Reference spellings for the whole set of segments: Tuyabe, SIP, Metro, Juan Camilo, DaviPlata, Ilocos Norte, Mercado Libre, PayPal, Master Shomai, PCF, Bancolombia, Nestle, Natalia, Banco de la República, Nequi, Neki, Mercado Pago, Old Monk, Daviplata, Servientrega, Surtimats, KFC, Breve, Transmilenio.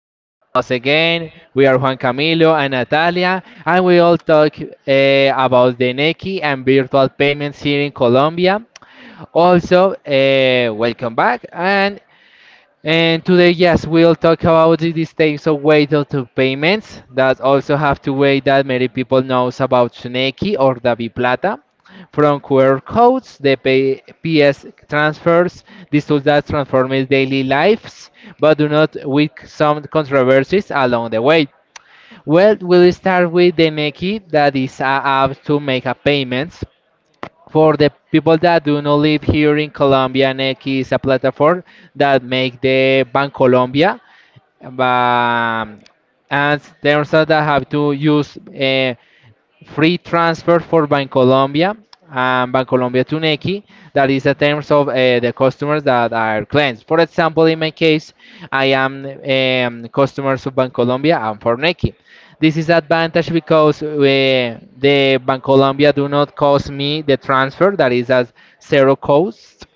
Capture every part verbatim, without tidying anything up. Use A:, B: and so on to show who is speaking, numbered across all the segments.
A: listening us again. We are Juan Camilo and Natalia, and we all talk eh, about the Nequi and virtual payments here in Colombia. Also, eh, welcome back, and and today, yes, we'll talk about the mistakes of weight of the payments that also have to wait that many people knows about Shineki or Daviplata, from Q R codes, the pay P S transfers, these tools that transform his daily lives, but do not with some controversies along the way. Well, we'll start with the Neki, that is a app to make a payments. For the people that do not live here in Colombia, N E C is a platform that make the Bancolombia. Um, and there's that have to use uh, free transfer for Bancolombia and Bancolombia Tuneki. That is the terms of uh, the customers that are clients. For example, in my case, I am um, customers of Bancolombia and Forneki. This is advantage because uh, the Bancolombia do not cost me the transfer. That is at zero cost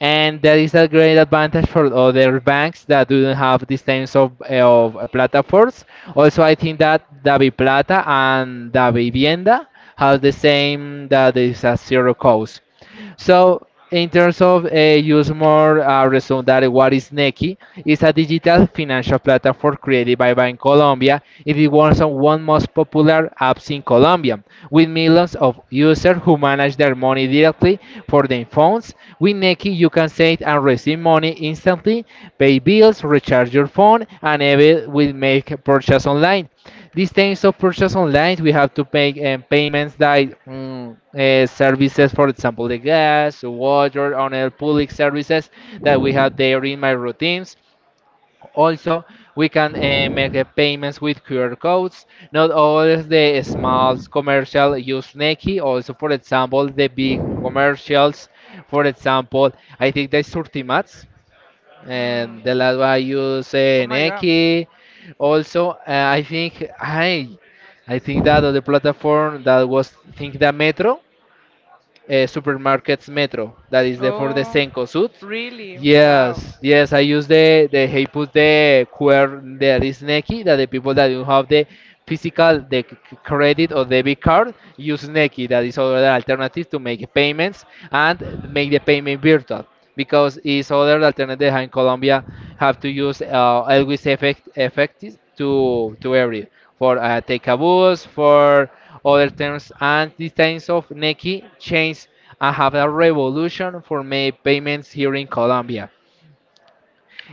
A: and that is a great advantage for other banks that do not have these types of, of platforms. Also, I think that DaviPlata and DaVivienda have the same that is a zero cost. So in terms of a use more uh, resume that what is Nequi is a digital financial platform created by Bank Colombia. It is one of the one most popular apps in Colombia, with millions of users who manage their money directly for their phones. With Nequi, you can save and receive money instantly, pay bills, recharge your phone, and even will make purchase online. These things of purchase online, we have to pay um, payments like mm, uh, services, for example, the gas, water, and other public services that we have there in my routines. Also, we can uh, make the payments with Q R codes. Not all of the small commercial use Nequi. Also, for example, the big commercials. For example, I think the Surtimats and
B: Mm.
A: the last one I use
B: Oh
A: uh,
B: my God.
A: Nike. Also, uh, I think I, I think that the platform that was think that Metro, uh, supermarkets Metro, that is the for the
B: Oh,
A: Senko suit.
B: really? Wow.
A: Yes, yes, I use the the he put the Q R that is Nequi that the people that don't have the physical the c- c- credit or debit card use Nequi that is other alternative to make payments and make the payment virtual because is other alternative in Colombia have to use uh, always effect effective to to every for uh, take a bus for other terms and these times of Nequi change. I have a revolution for my payments here in Colombia.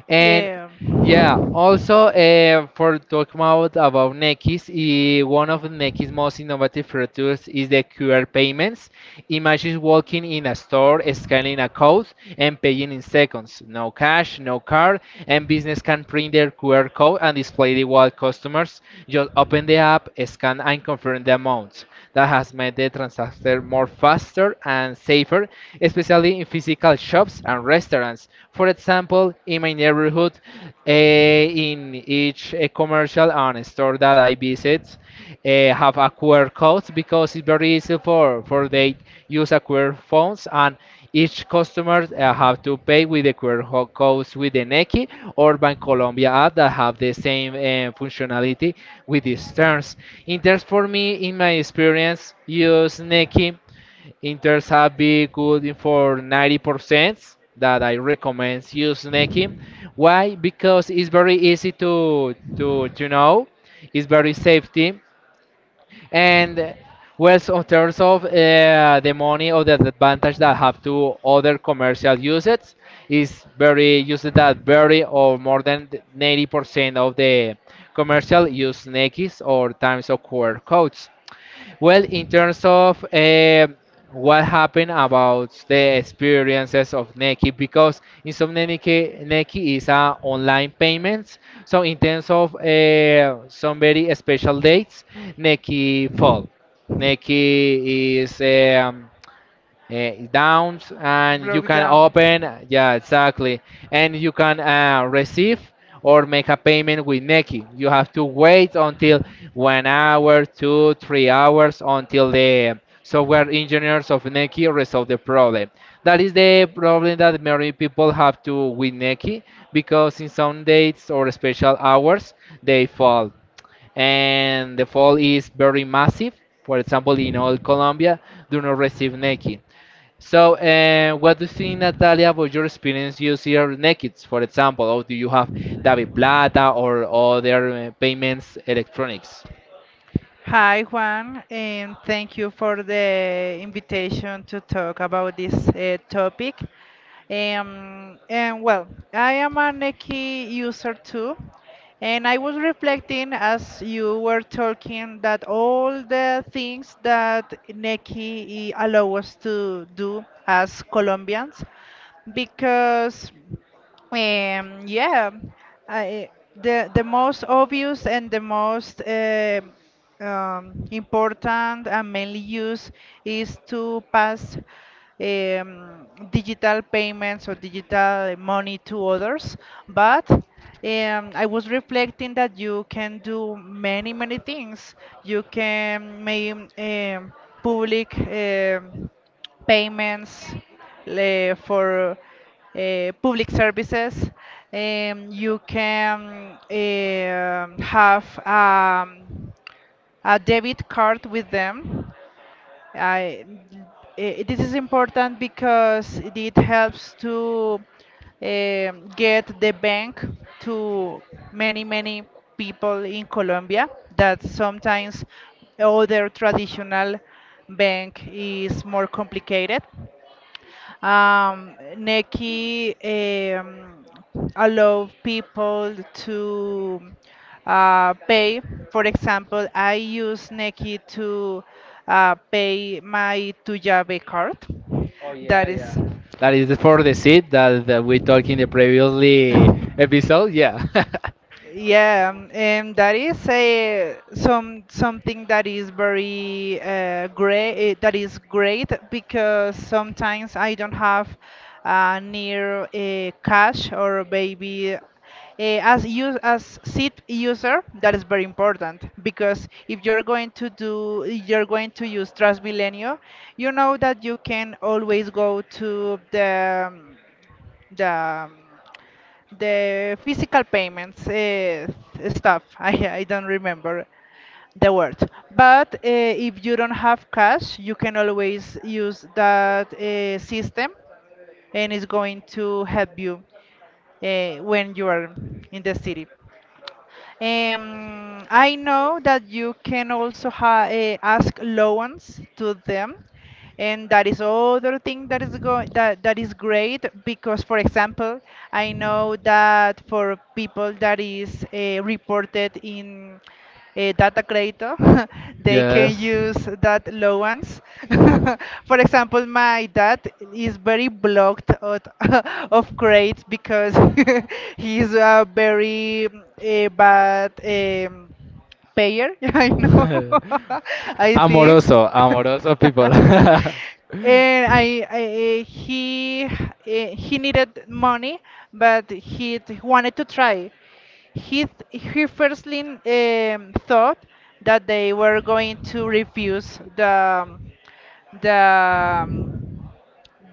A: And
B: Yeah.
A: yeah, also uh, for talking about about Neqis, eh, one of Neqis' most innovative features is the Q R payments. Imagine walking in a store, scanning a code, and paying in seconds. No cash, no card, and business can print their Q R code and display it while customers just open the app, scan, and confirm the amount. That has made the transaction more faster and safer, especially in physical shops shops and restaurants. For example, in my neighborhood, eh, in each eh, commercial and store that I visit, eh, have a Q R code because it's very easy for for they use a Q R phones and each customer uh, have to pay with the Q R ho- codes with the Nequi or Bancolombia app that have the same eh, functionality with these terms. In terms for me, in my experience, use Nequi Inters have been good in for ninety percent that I recommend you snaking. Why? Because it's very easy to to to know. It's very safety and well, so in terms of uh, the money or the advantage that have to other commercial uses is very used that very or more than ninety percent of the commercial use Nikes or Times of Q R codes. Well, in terms of eh, what happened about the experiences of Neki, because in some Neki, Neki is a online payments. So in terms of eh, some very special dates, Neki fall. Neki is um, uh, downs and you
B: Broke
A: can
B: down.
A: open yeah exactly and you can uh, receive or make a payment with Neki. You have to wait until one hour, two, three hours until the software engineers of Neki resolve the problem. That is the problem that many people have to with Neki because in some dates or special hours they fall. And the fall is very massive. For example, in all Colombia, do not receive Neki. So, uh, what do you think, Natalia, about your experience using Nekids, for example, or do you have DaviPlata or other uh, payments electronics?
B: Hi Juan, and thank you for the invitation to talk about this uh, topic. Um, and well, I am a Neki user too, and I was reflecting as you were talking that all the things that Neki allow us to do as Colombians, because um, yeah, I, the the most obvious and the most um um, important and mainly used is to pass um, digital payments or digital money to others. But um, I was reflecting that you can do many many things. You can make um, public um payments le- for uh, public services. Um, you can um have um, a debit card with them. I, eh, this is important because it helps to um, get the bank to many, many people in Colombia that sometimes other traditional bank is more complicated. Um, Neki um, allow people to uh, pay. For example, I use Neki to uh, pay my Tuyabe card.
A: Oh yeah,
B: That
A: yeah.
B: is.
A: That is for the seed that, that we talked in the previously episode. Yeah.
B: Yeah, um, and that is a some something that is very uh, great. eh, That is great because sometimes I don't have uh, near uh, cash or maybe uh, as you as SIP user. That is very important because if you're going to do you're going to use Transmilenio, you know that you can always go to the the the physical payments uh, stuff. I, I don't remember the word. But uh, if you don't have cash, you can always use that uh, system and it's going to help you uh, when you are in the city. Um, I know that you can also ha eh, ask loans to them, and that is other thing that is go that that is great because, for example, I know that for people that is uh, reported in uh, data credito, they can
A: yes.
B: use that allowance. For example, my dad is very blocked out of credits because he's a very uh, bad um, payer. I know. I think.
A: amoroso, amoroso people.
B: And I, I eh, he eh, he needed money, but he t- wanted to try. He, th- he firstly um, thought that they were going to refuse the the um,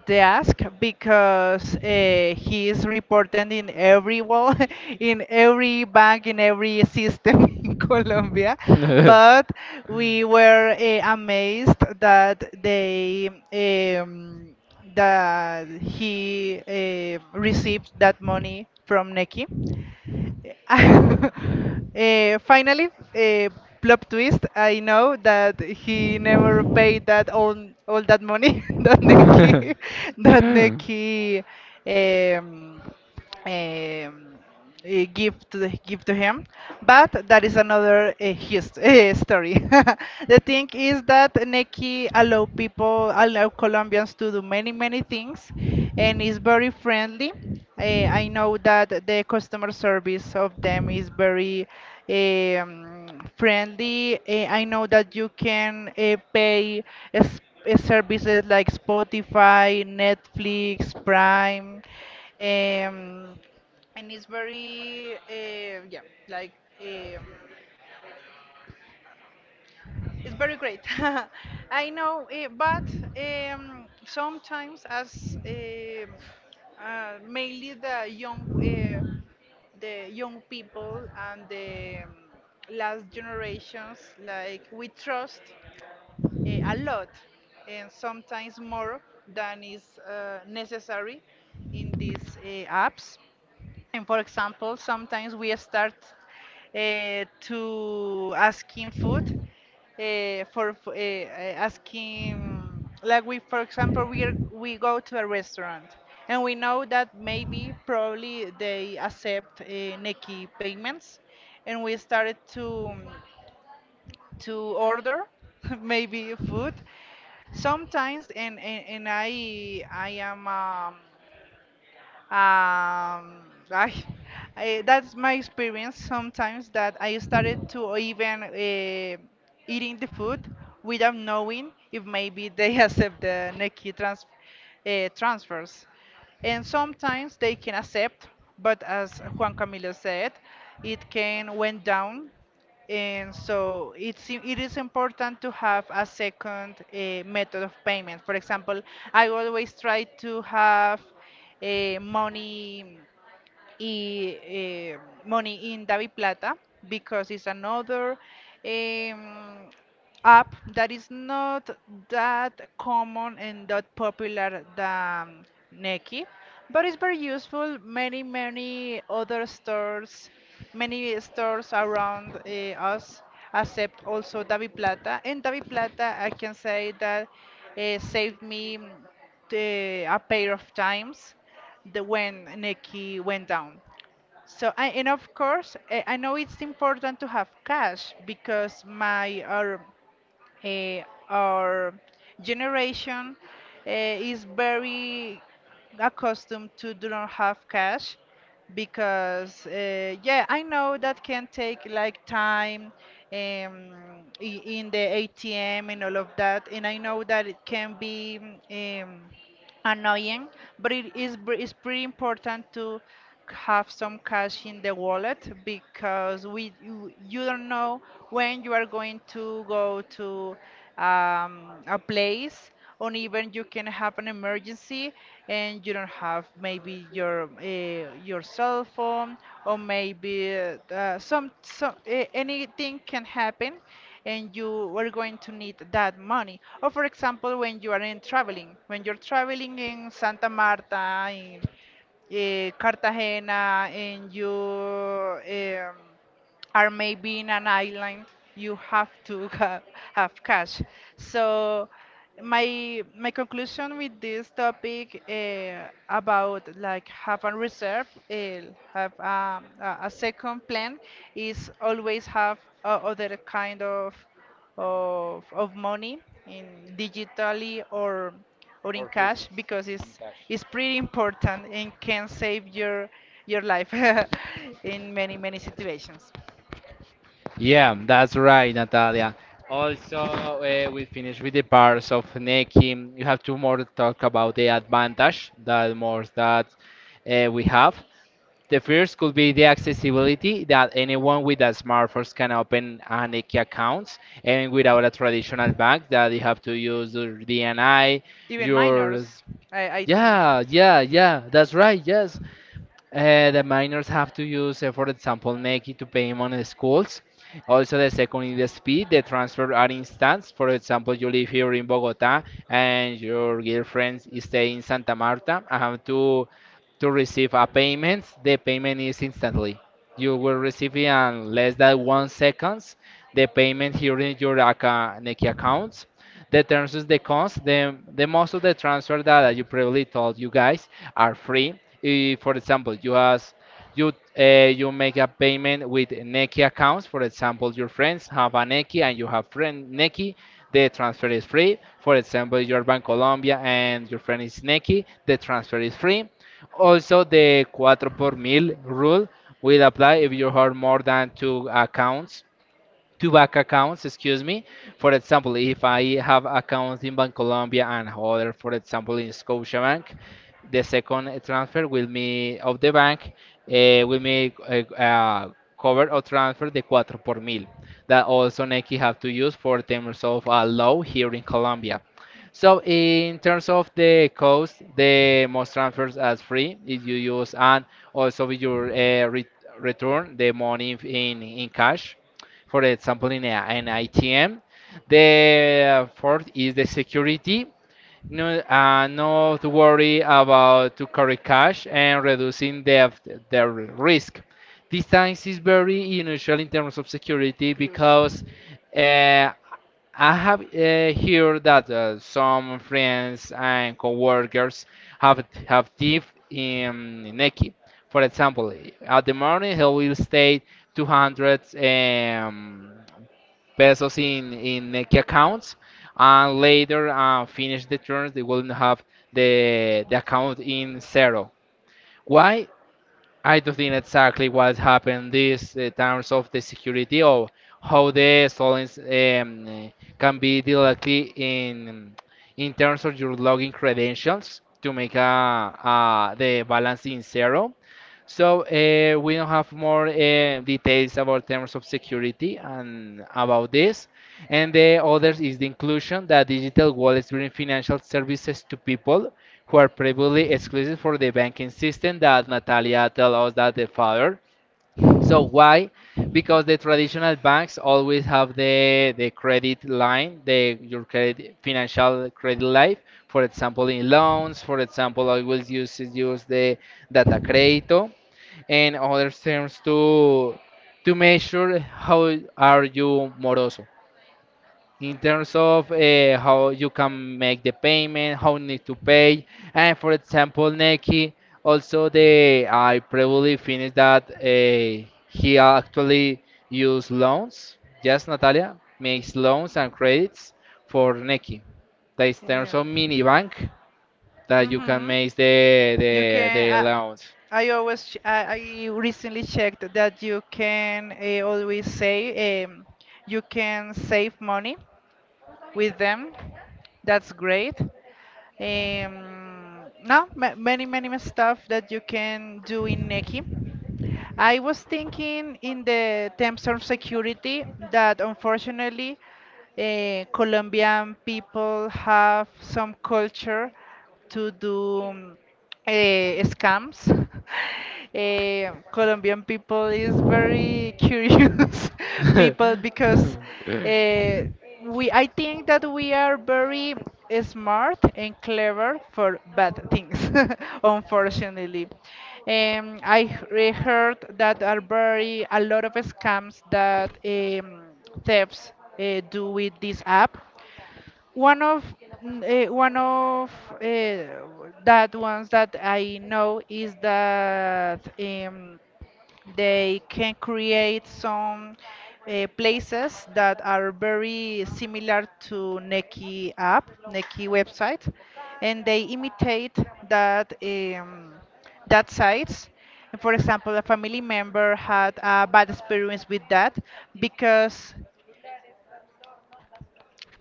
B: the ask because uh, he is reported in every wall, in every bank, in every system in Colombia.
A: Mm.
B: But we were uh, amazed that they um, that he uh, received that money from Neki. Eh, finally, uh, plot twist. I know that he never paid that all all that money that Nikki that Nikki um, um, eh, give to the, give to him. But that is another uh, his, uh, story. The thing is that Neki allow people, allow Colombians to do many many things, and is very friendly. Eh, I know that the customer service of them is very um, friendly. Eh, I know that you can uh, pay. uh, s- eh, Services like Spotify, Netflix, Prime, um, and it's very, uh, yeah, like um, it's very great. I know, eh, but um, sometimes as um uh, mainly the young, uh, the young people and the um, last generations, like we trust uh, a lot, and sometimes more than is uh, necessary in these uh, apps. And for example, sometimes we start uh, to asking food uh, for f- eh, eh, asking like we for example we are, we go to a restaurant and we know that maybe probably they accept uh, Nequi payments and we started to um, to order maybe food sometimes and, and, and I I am um, um, I, I, that's my experience sometimes that I started to even uh, eating the food without knowing if maybe they accept the Neki trans, uh, transfers. And sometimes they can accept, but as Juan Camilo said, it can went down. And so it's, i- it is important to have a second uh, method of payment. For example, I always try to have eh, money y eh, money in DaviPlata because it's another um, app that is not that common and that popular than Nequi, but it's very useful. Many many other stores, many stores around uh, us accept also DaviPlata, and DaviPlata I can say that uh, saved me mm, the- a pair of times the when Nikki went down. So I, and of course eh, I know it's important to have cash because my our eh, our generation eh, is very accustomed to do not have cash because uh, yeah I know that can take like time um, i- in the A T M and all of that and I know that it can be um, annoying, but it is br- it's pretty important to have some cash in the wallet because we you, you don't know when you are going to go to um, a place or even you can have an emergency and you don't have maybe your uh, your cell phone or maybe uh, some, some uh, anything can happen and you are going to need that money. Or for example, when you are in traveling, when you're traveling in Santa Marta, in eh, Cartagena, and you um, or maybe in an island you have to have, have cash. So my my conclusion with this topic uh, about like have a reserve uh, have um, a, a second plan is always have uh, other kind of of of money in digitally or or in
A: Or
B: cash
A: physics
B: because
A: in
B: it's
A: cash.
B: it's pretty important and can save your your life in many many situations.
A: Yeah, that's right, Natalia. Also, uh, we finished with the parts of necking. You have to more talk about the advantage that more that uh, we have. The first could be the accessibility that anyone with a smartphone can open an IKEA account and without a traditional bank that you have to use your D N I,
B: Even
A: your
B: minors, I, I think.
A: yeah, yeah, yeah, that's right, yes. Uh, the minors have to use, uh, for example, Nequi to pay on the schools. Also, the second is the speed. The transfer are instance. For example, you live here in Bogota and your girlfriend is staying in Santa Marta. I have to to receive a payment. The payment is instantly. You will receive it in less than one seconds. The payment here in your account, Nequi account. The terms is the cons. The, the most of the transfer that I you previously told you guys are free. Eh, for example, you ask you uh, you make a payment with Nequi accounts. For example, your friends have a Nequi and you have friend Nequi, the transfer is free. For example, you're Bancolombia and your friend is Nequi, the transfer is free. Also, the cuatro por mil rule will apply if you have more than two accounts two bank accounts, excuse me. For example, if I have accounts in Bancolombia and other, for example, in Scotiabank, the second uh, transfer will me of the bank uh, will me uh, uh, cover or transfer the cuatro por mil that also Nike have to use for terms of a law here in Colombia. So in terms of the cost, the most transfers as free if you use and also with your uh, re- return the money in, in cash for example in a, an I T M. The uh, fourth is the security. No, uh, not worry about to carry cash and reducing debt, the risk. This times is very unusual in terms of security
B: Close.
A: because uh, I have uh, heard that uh, some friends and coworkers have have thief in Neki. For example, at the morning he will stay two hundred um, pesos in in Nequi accounts, and later uh, finish the turns, they will have the the account in zero. Why? I don't think exactly what happened this uh, terms of the security or how the stolen um, can be directly in in terms of your login credentials to make a, a the balance in zero so uh, we don't have more uh, details about terms of security and about this. And the others is the inclusion that digital wallets bring financial services to people who are previously exclusive for the banking system that Natalia told us that the father. So why? Because the traditional banks always have the the credit line, the your credit financial credit life. For example, in loans, for example, I will use use the data crédito and other terms to to measure how are you moroso in terms of uh, how you can make the payment, how need to pay, and for example, Neki also the I probably finished that uh, he actually use loans. Yes, Natalia makes loans and credits for Neki. That is terms of mini
B: Yeah.
A: bank that you can
B: Mhm.
A: make the
B: You
A: the,
B: can.
A: the
B: I,
A: loans.
B: I always. Ch I, I recently checked that you can uh, always say um, you can save money with them. That's great. Um, no, ma Many many stuff that you can do in Neki. I was thinking in the terms of security that unfortunately eh, Colombian people have some culture to do um, eh, scams. Eh, Colombian people is very curious people because eh, we I think that we are very smart and clever for bad things, unfortunately. Um, I he- heard that are very a lot of scams that um, thefts uh, do with this app. one of uh, One of uh, that ones that I know is that um, they can create some uh, places that are very similar to Neki app, Neki website, and they imitate that um, that sites. For example, a family member had a bad experience with that because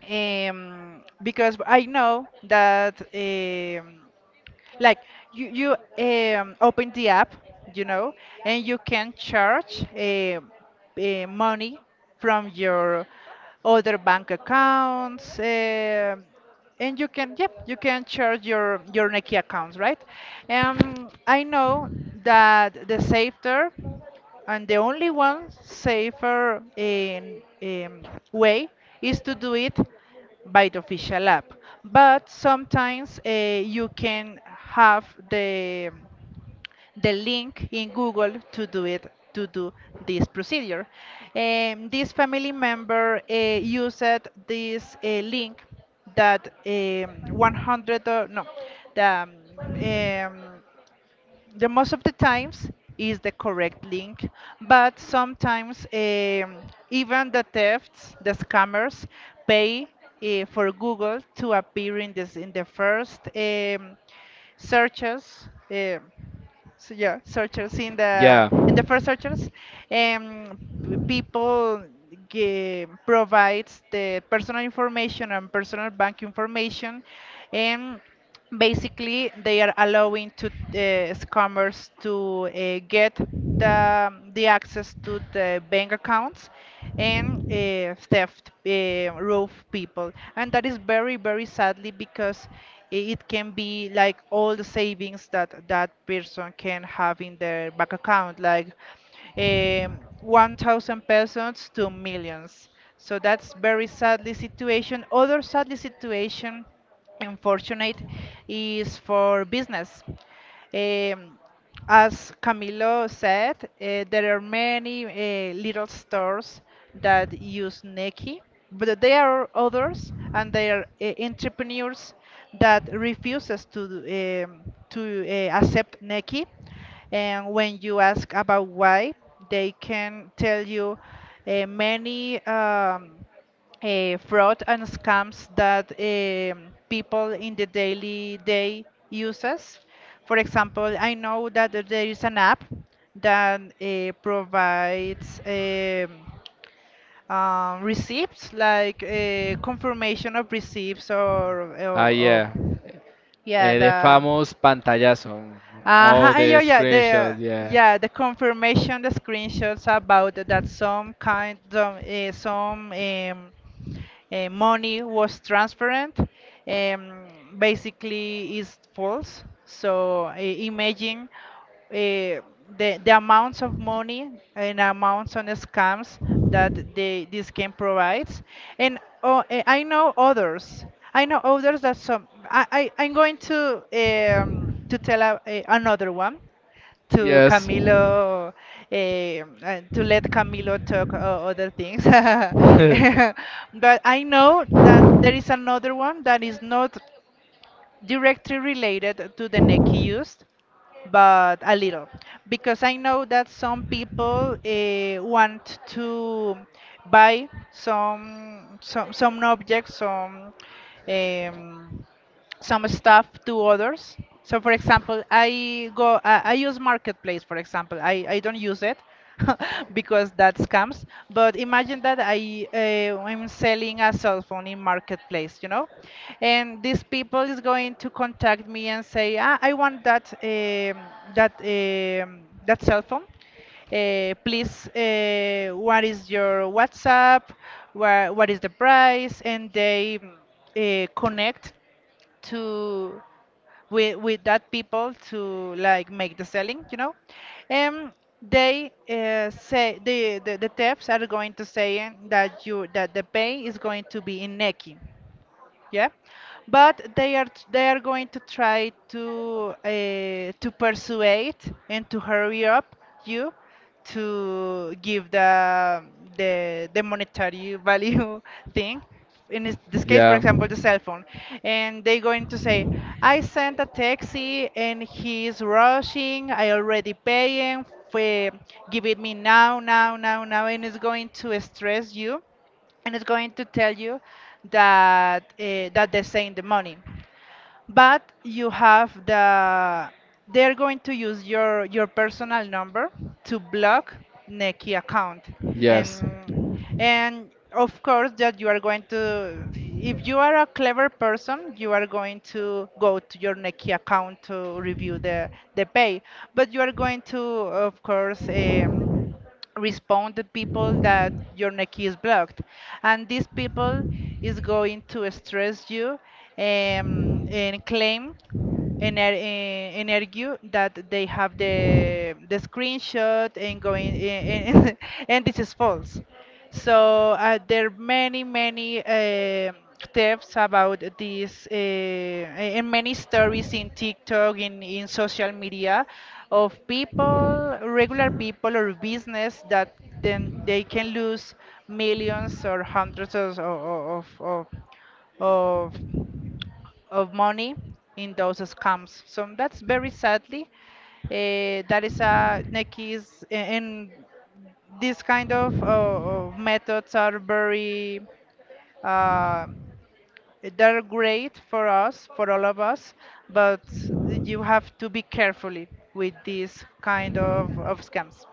B: um, because I know that um, like you you um, open the app, you know, and you can charge um uh, money from your other bank accounts. Um and you can yep you can charge your your Nequi accounts, right? Um i know that the safer and the only one safer in, um, way is to do it by the official app. But sometimes uh, you can have the the link in Google to do it to do this procedure. Um, this family member uh, used this uh, link that um, one hundred or no, the um, um, the most of the times is the correct link, but sometimes um, even the thefts, the scammers, pay uh, for Google to appear in this in the first um, searches. Uh, so yeah, searches in the
A: Yeah.
B: in the first searches, um, p- people ge- provides the personal information and personal bank information, and basically they are allowing to uh, scammers to uh, get the the access to the bank accounts and uh, theft uh, roof people, and that is very very sadly because i- it can be like all the savings that that person can have in their bank account like um,
A: So
B: one thousand
A: that's
B: pesos
A: very
B: to millions. So that's very
A: sad
B: sadly
A: situation
B: situation,
A: for
B: other
A: us.
B: sadly situation
A: Unfortunately,
B: unfortunate
A: it is
B: is
A: for
B: for
A: business.
B: business. Um,
A: As
B: as
A: Camilo
B: Camilo
A: said,
B: said, uh, there
A: there
B: are
A: are many
B: many
A: microphones
B: uh,
A: that use
B: little stores that use Neki,
A: native, but
B: but
A: there
B: there
A: are
B: are others
A: Japanese
B: and
A: that
B: there are uh,
A: refuse to
B: entrepreneurs
A: accept native.
B: that refuses to um, to uh, accept Neki.
A: And
B: And
A: when
B: when you
A: you ask
B: ask about why, they can tell
A: say
B: you uh, many. Um, uh, fraud and scams that um, people in the daily day uses. For example, I know that there is an app that uh, provides um, uh, receipts, like uh, confirmation of receipts or,
A: uh, ah,
B: or, or
A: yeah. Yeah,
B: yeah,
A: Eh, the
B: the
A: famous pantallazo. Ah, all.
B: uh-huh, yeah, yeah, yeah, the yeah, the confirmation, the screenshots about that some kind, some, uh, some um, uh, money was transparent um, basically is false. So uh, imagine uh, the the amounts of money and amounts on scams that they this game provides, and oh, eh, I know others. I know others that some. I, I I'm going to um, to tell a, a, another one to
A: Yes.
B: Camilo, eh, uh, to let Camilo talk uh, other things. But I know that there is another one that is not directly related to the neck used, but a little. Because I know that some people uh, want to buy some some some objects, some um, some stuff to others. So, for example, I go, I, I use Marketplace, for example. I, I don't use it because that scams. But imagine that I uh, I'm selling a cell phone in Marketplace, you know, and these people is going to contact me and say, ah, I want that um, that um, that cell phone. Uh, please, uh, what is your WhatsApp? Where, what is the price? And they mm, uh, connect to with with that people to like make the selling you know um they uh, say the, the the thefts are going to say that you that the pay is going to be in neki, yeah, but they are they are going to try to uh, to persuade and to hurry up you to give the the, the monetary value thing in this this case, for
A: Yeah.
B: example, the cell phone. And they're going to say, I sent a taxi and he's rushing. I already paying for, give it me now, now, now, now, and it's going to stress you, and it's going to tell you that uh, that they send the money, but you have the, they're going to use your your personal number to block Neki account.
A: Yes.
B: And and of course that you are going to, if you are a clever person, you are going to go to your Neki account to review the the pay, but you are going to of course, um, respond the people that your neck is blocked, and these people is going to stress you, um, and claim, ener eh, and argue that they have the the screenshot and going and, and this is false. So uh, there are many many uh, thefts about this, uh, and many stories in TikTok, in in social media, of people, regular people or business, that then they can lose millions or hundreds of of of, of of of money in those scams. So that's very sadly. Uh, that is a Nikki's, and these kind of, uh, of methods are very uh, they're great for us, for all of us, but you have to be carefully with these kind of, of scams.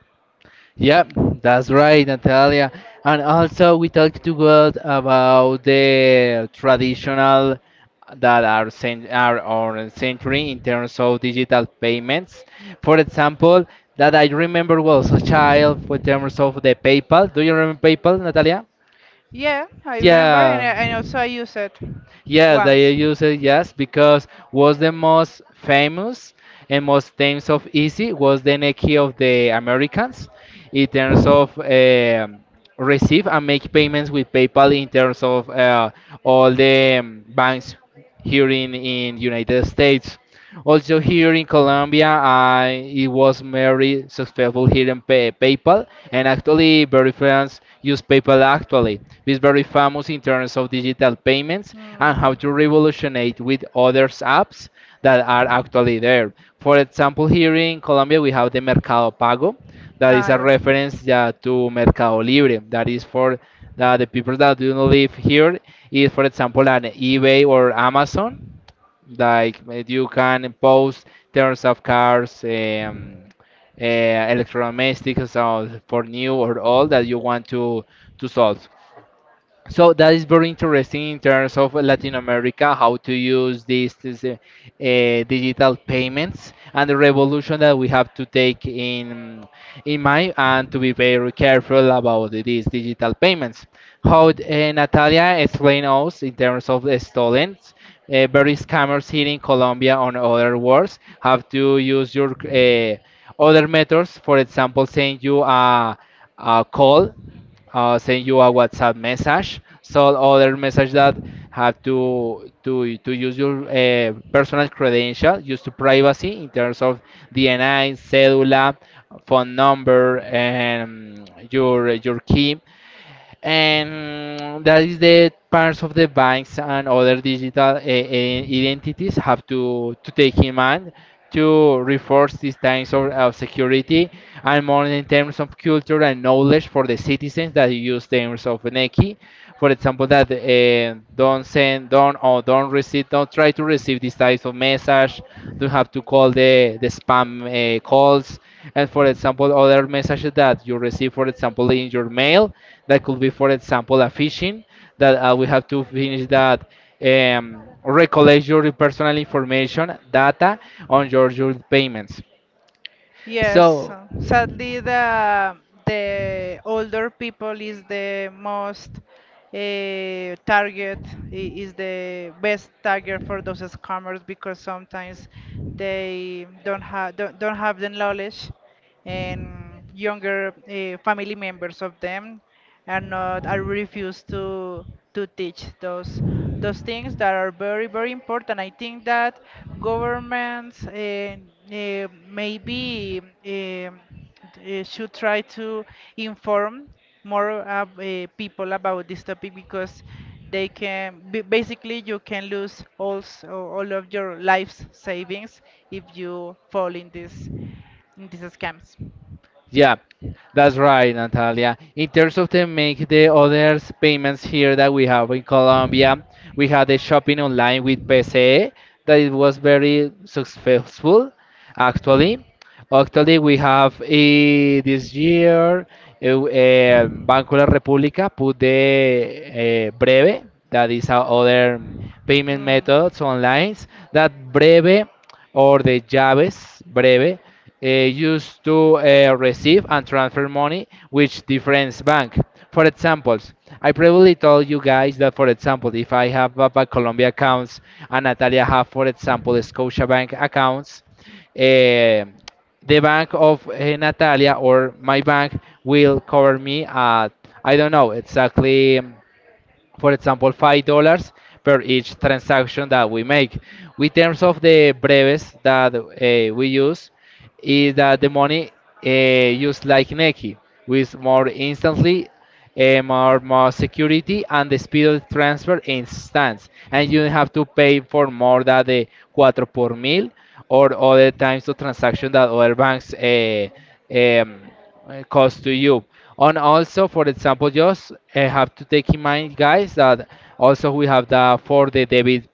A: Yep, that's right, Natalia. And also, we talked to God about the traditional that are cen- are on century in terms of digital payments. For example, that I remember was a child in terms of the PayPal. Do you remember PayPal, Natalia?
B: Yeah, I remember, and,
A: Yeah.
B: I- and also I used it
A: Yes, they
B: once.
A: use it, yes, because was the most famous and most times of easy was the Nike of the Americans in terms of um receive and make payments with PayPal in terms of uh, all the um, banks here in in United States. Also here in Colombia, I it was very successful here in pay, PayPal, and actually very friends use PayPal actually. It's very famous in terms of digital payments and how to revolutionate with others apps that are actually there. For example, here in Colombia we have the Mercado Pago, that is a reference, yeah, to Mercado Libre, that is for that the people that do not live here is, for example, an eBay or Amazon. Like uh, you can post terms of cars, um, uh, electrodomestics, so for new or old that you want to to solve. So that is very interesting in terms of Latin America, how to use these, these uh, uh, digital payments and the revolution that we have to take in in mind and to be very careful about these digital payments. How uh, Natalia explained us in terms of the stolen, uh, very scammers here in Colombia on other words have to use your uh, other methods, for example, send you a a call, uh, send you a WhatsApp message. So other message that have to to to use your uh, personal credential, use to privacy in terms of D N I, cedula, phone number, and your your key, and that is the parts of the banks and other digital uh, uh, identities have to to take in mind to reinforce these times of, of security and more in terms of culture and knowledge for the citizens that use terms of Neki. For example, that eh, don't send, don't or don't receive, don't try to receive these types of message. Don't have to call the the spam eh, calls. And for example, other messages that you receive, for example, in your mail, that could be, for example, a phishing that uh, we have to finish that um, recollect your personal information data on your, your payments.
B: Yes,
A: So
B: uh, sadly, the the older people is the most uh, target, I- is the best target for those scammers, because sometimes they don't have don't, don't have the knowledge, and younger uh, family members of them and not I refuse to to teach those those things that are very very important. I think that governments uh, uh, maybe um uh, should try to inform more uh, uh, people about this topic, because they can b- basically you can lose also all of your life's savings if you fall in this, in these scams.
A: yeah, that's right, Natalia. In terms of the make the others payments here that we have in Colombia, we had the shopping online with P C E that it was very successful actually. Actually, we have eh, this year eh, eh, Banco de la República put the eh, Breve, that is our other. Payment methods online that Breve or the Javes Breve uh, used to uh, receive and transfer money with different bank. For example, I previously told you guys that, for example, if I have Bank Colombia accounts and Natalia have, for example, Scotiabank accounts, eh, the bank of eh, Natalia or my bank will cover me at I don't know exactly, um, for example, five dollars per each transaction that we make. With terms of the breves that uh, we use, is that the money uh, used like Nequi, with more instantly, uh, more, more security, and the speed of transfer instance. And you have to pay for more than the cuatro por mil or other times of transaction that other banks uh, um, uh, cost to you. And also, for example, just uh, have to take in mind, guys, that also we have the for the debit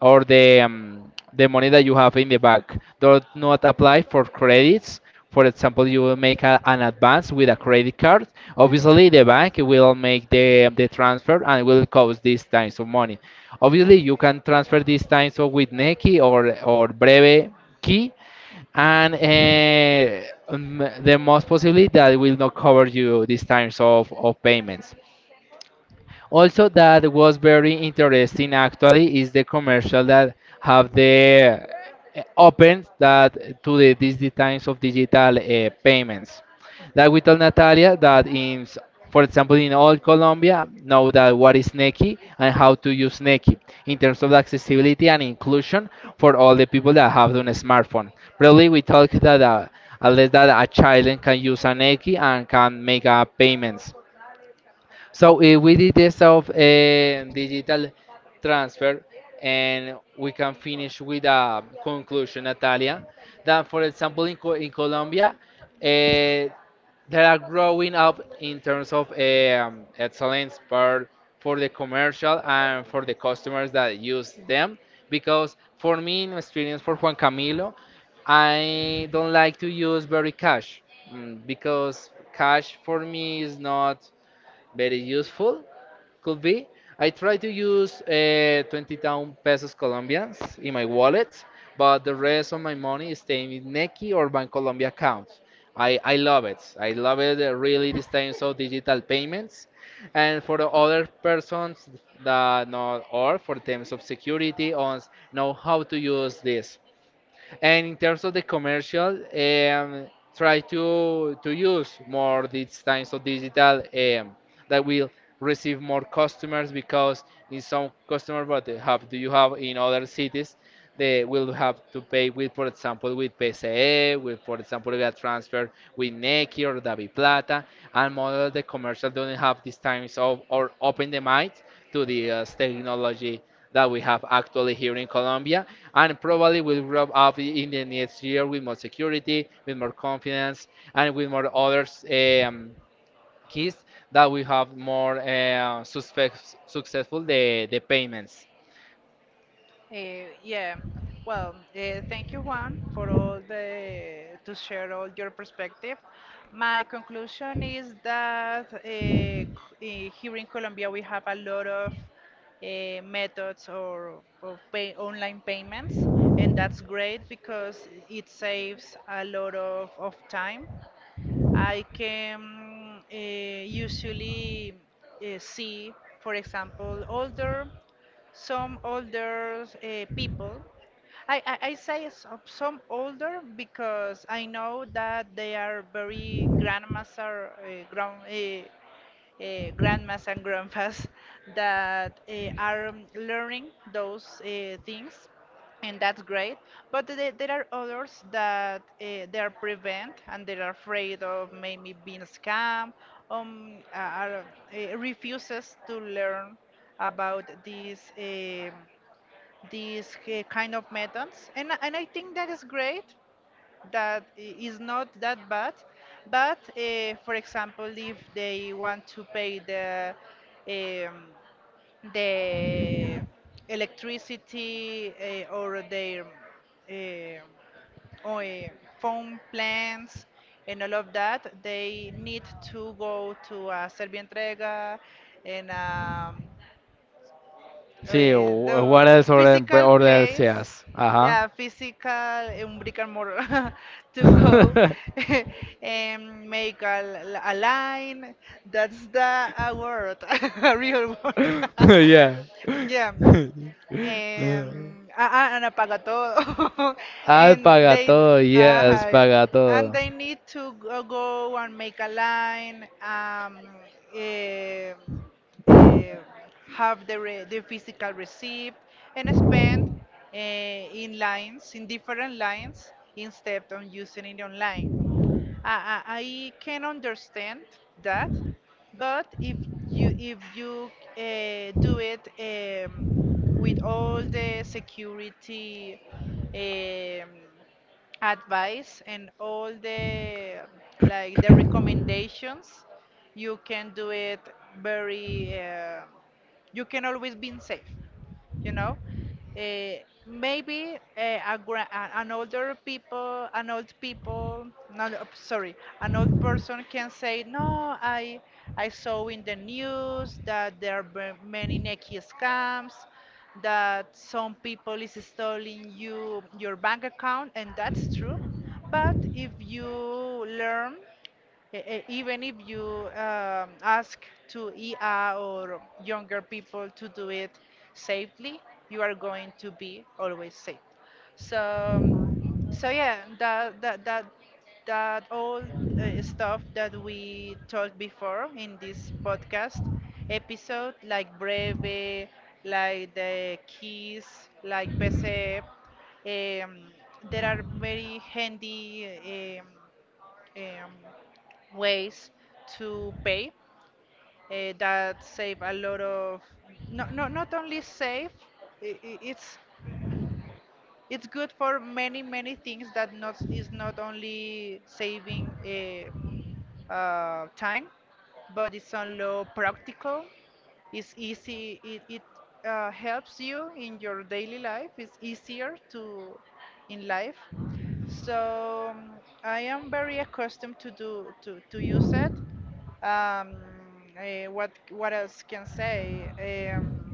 A: or the um, the money that you have in the bank. Do not apply for credits. For example, you will make a, an advance with a credit card. Obviously, the bank will make the um, the transfer and will cost these times of money. Obviously, you can transfer these times of with Nequi or or Breve Key and uh, um, the most possibility that it will not cover you this times of, of payments. Also, that was very interesting actually is the commercial that have the uh, open that to the these times of digital uh, payments. That we told Natalia that in, s- for example, in all Colombia, know that what is Nequi and how to use Nequi in terms of the accessibility and inclusion for all the people that have done a smartphone. Probably we talked that uh, at least that a child can use a Neki and can make uh, payments. So if we did this of a digital transfer, and we can finish with a conclusion, Natalia, that for example in, Co- in Colombia, eh, they are growing up in terms of eh, um, excellence for for the commercial and for the customers that use them. Because for me, in my experience for Juan Camilo, I don't like to use very cash, mm, because cash for me is not very useful, could be. I try to use uh, twenty thousand pesos colombians in my wallet, but the rest of my money is staying in neki or bancolombia accounts. I, I love it, I love it, uh, really this time so digital payments, and for the other persons that not or for terms of security on know how to use this, and in terms of the commercial, um, try to to use more these kinds of digital, um, that will receive more customers because in some customer what they have do you have in other cities, they will have to pay with for example with P C E, with for example with transfer, with Nequi or Davi Plata, and most of the commercial don't have these times of or open the mind to the uh, technology that we have actually here in Colombia, and probably will grow up in the next year with more security, with more confidence, and with more others, um, keys that we have more uh, suspect, successful the, the payments.
B: Uh, yeah. Well, uh, thank you, Juan, for all the to share all your perspective. My conclusion is that uh, c- uh, here in Colombia we have a lot of uh, methods or of pay, online payments, and that's great because it saves a lot of, of time. I can uh, usually uh, see, for example, older, some older uh, people. I, I, I say some, some older, because I know that they are very grandmaster, uh, grown, uh, uh, grandmas and grandpas that uh, are um, learning those uh, things, and that's great. But the- there are others that uh, they are prevent, and they are afraid of maybe being scammed, um, are, uh, refuses to learn about these um, these uh, kind of methods, and, I- and I think that is great, that I- is not that bad. But uh, for example, if they want to pay the um, the electricity, uh, or their um or, uh, phone plans, and all of that, they need to go to a Servientrega, and um, uh,
A: Sí, o-
B: the
A: what else order,
B: physical
A: order
B: place,
A: seas?
B: yeah,
A: Ajá.
B: physical um, brick and mortar, to go and make a, l- a line. That's the a word, a real word.
A: Yeah.
B: yeah, um, ah, ah, and apaga todo.
A: Al
B: and
A: paga
B: they,
A: todo, yes,
B: ajá,
A: paga
B: and
A: todo.
B: they need to go, go and make a line, um, eh, eh, have the, re, the physical receipt, and spend eh, in lines, in different lines, instead of using it online. I, I I can understand that, but if you if you uh, do it um, with all the security, um, advice, and all the, like the recommendations, you can do it very. Uh, you can always be safe you know uh, Maybe uh, a gra- a- an older people an old people not uh, sorry, an old person can say, no, i i saw in the news that there are ve- many naked scams, that some people is stealing you your bank account, and that's true. But if you learn, E- e- even if you um, ask to E A or younger people to do it safely, you are going to be always safe. So, um, so yeah, that that that that all uh, stuff that we talked before in this podcast episode, like Breve, like the keys, like P C F, um, there are very handy um, um, ways to pay, uh, that save a lot of, not, not, not only save, I- I- it's it's good for many many things, that not is not only saving uh, uh, time, but it's also practical, it's easy, it, it uh, helps you in your daily life, it's easier to in life. So um, I am very accustomed to do to, to use it. Um, eh, what what else can say? Um,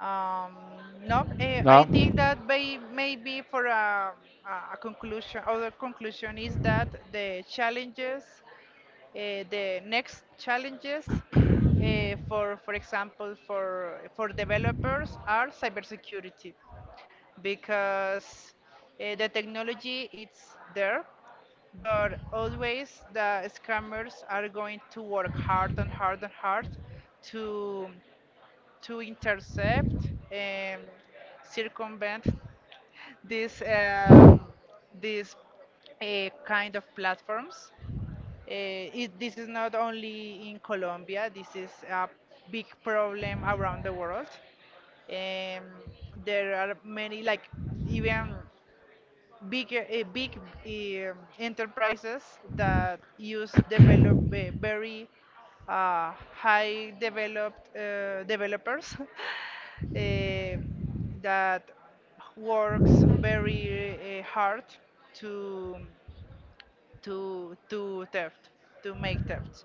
B: um, no, eh,
A: No.
B: I think that may, maybe for a, a a conclusion, other conclusion is that the challenges, eh, the next challenges eh, for, for example, for for developers are cybersecurity, because uh, the technology is there, but always the scammers are going to work hard and hard and hard to to intercept and circumvent this um, this uh, kind of platforms. Uh, it, this is not only in Colombia. This is a big problem around the world. Um, there are many, like, even bigger uh, big uh, enterprises that use develop ve- very uh, high developed uh, developers, eh, that works very uh, hard to to to theft, to make thefts.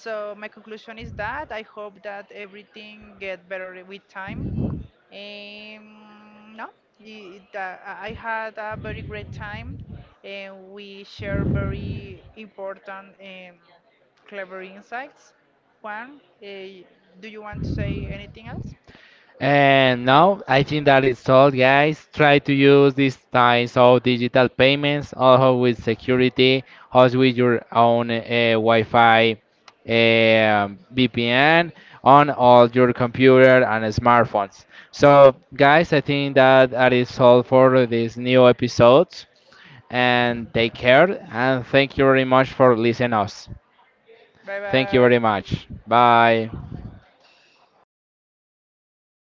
B: So my conclusion is that I hope that everything get better with time. Um, no, the- the- I I had a very great time, and we share very important and clever insights. Juan, eh, do you want to say anything else?
A: And now I think that is all, guys. Try to use these types of digital payments, also with security, also with your own uh, Wi-Fi, um V P N on all your computer and smartphones. So, guys, I think that that is all for this new episode. And take care, and thank you very much for listening us.
B: Bye
A: Thank you very
B: bye.
A: much. Bye.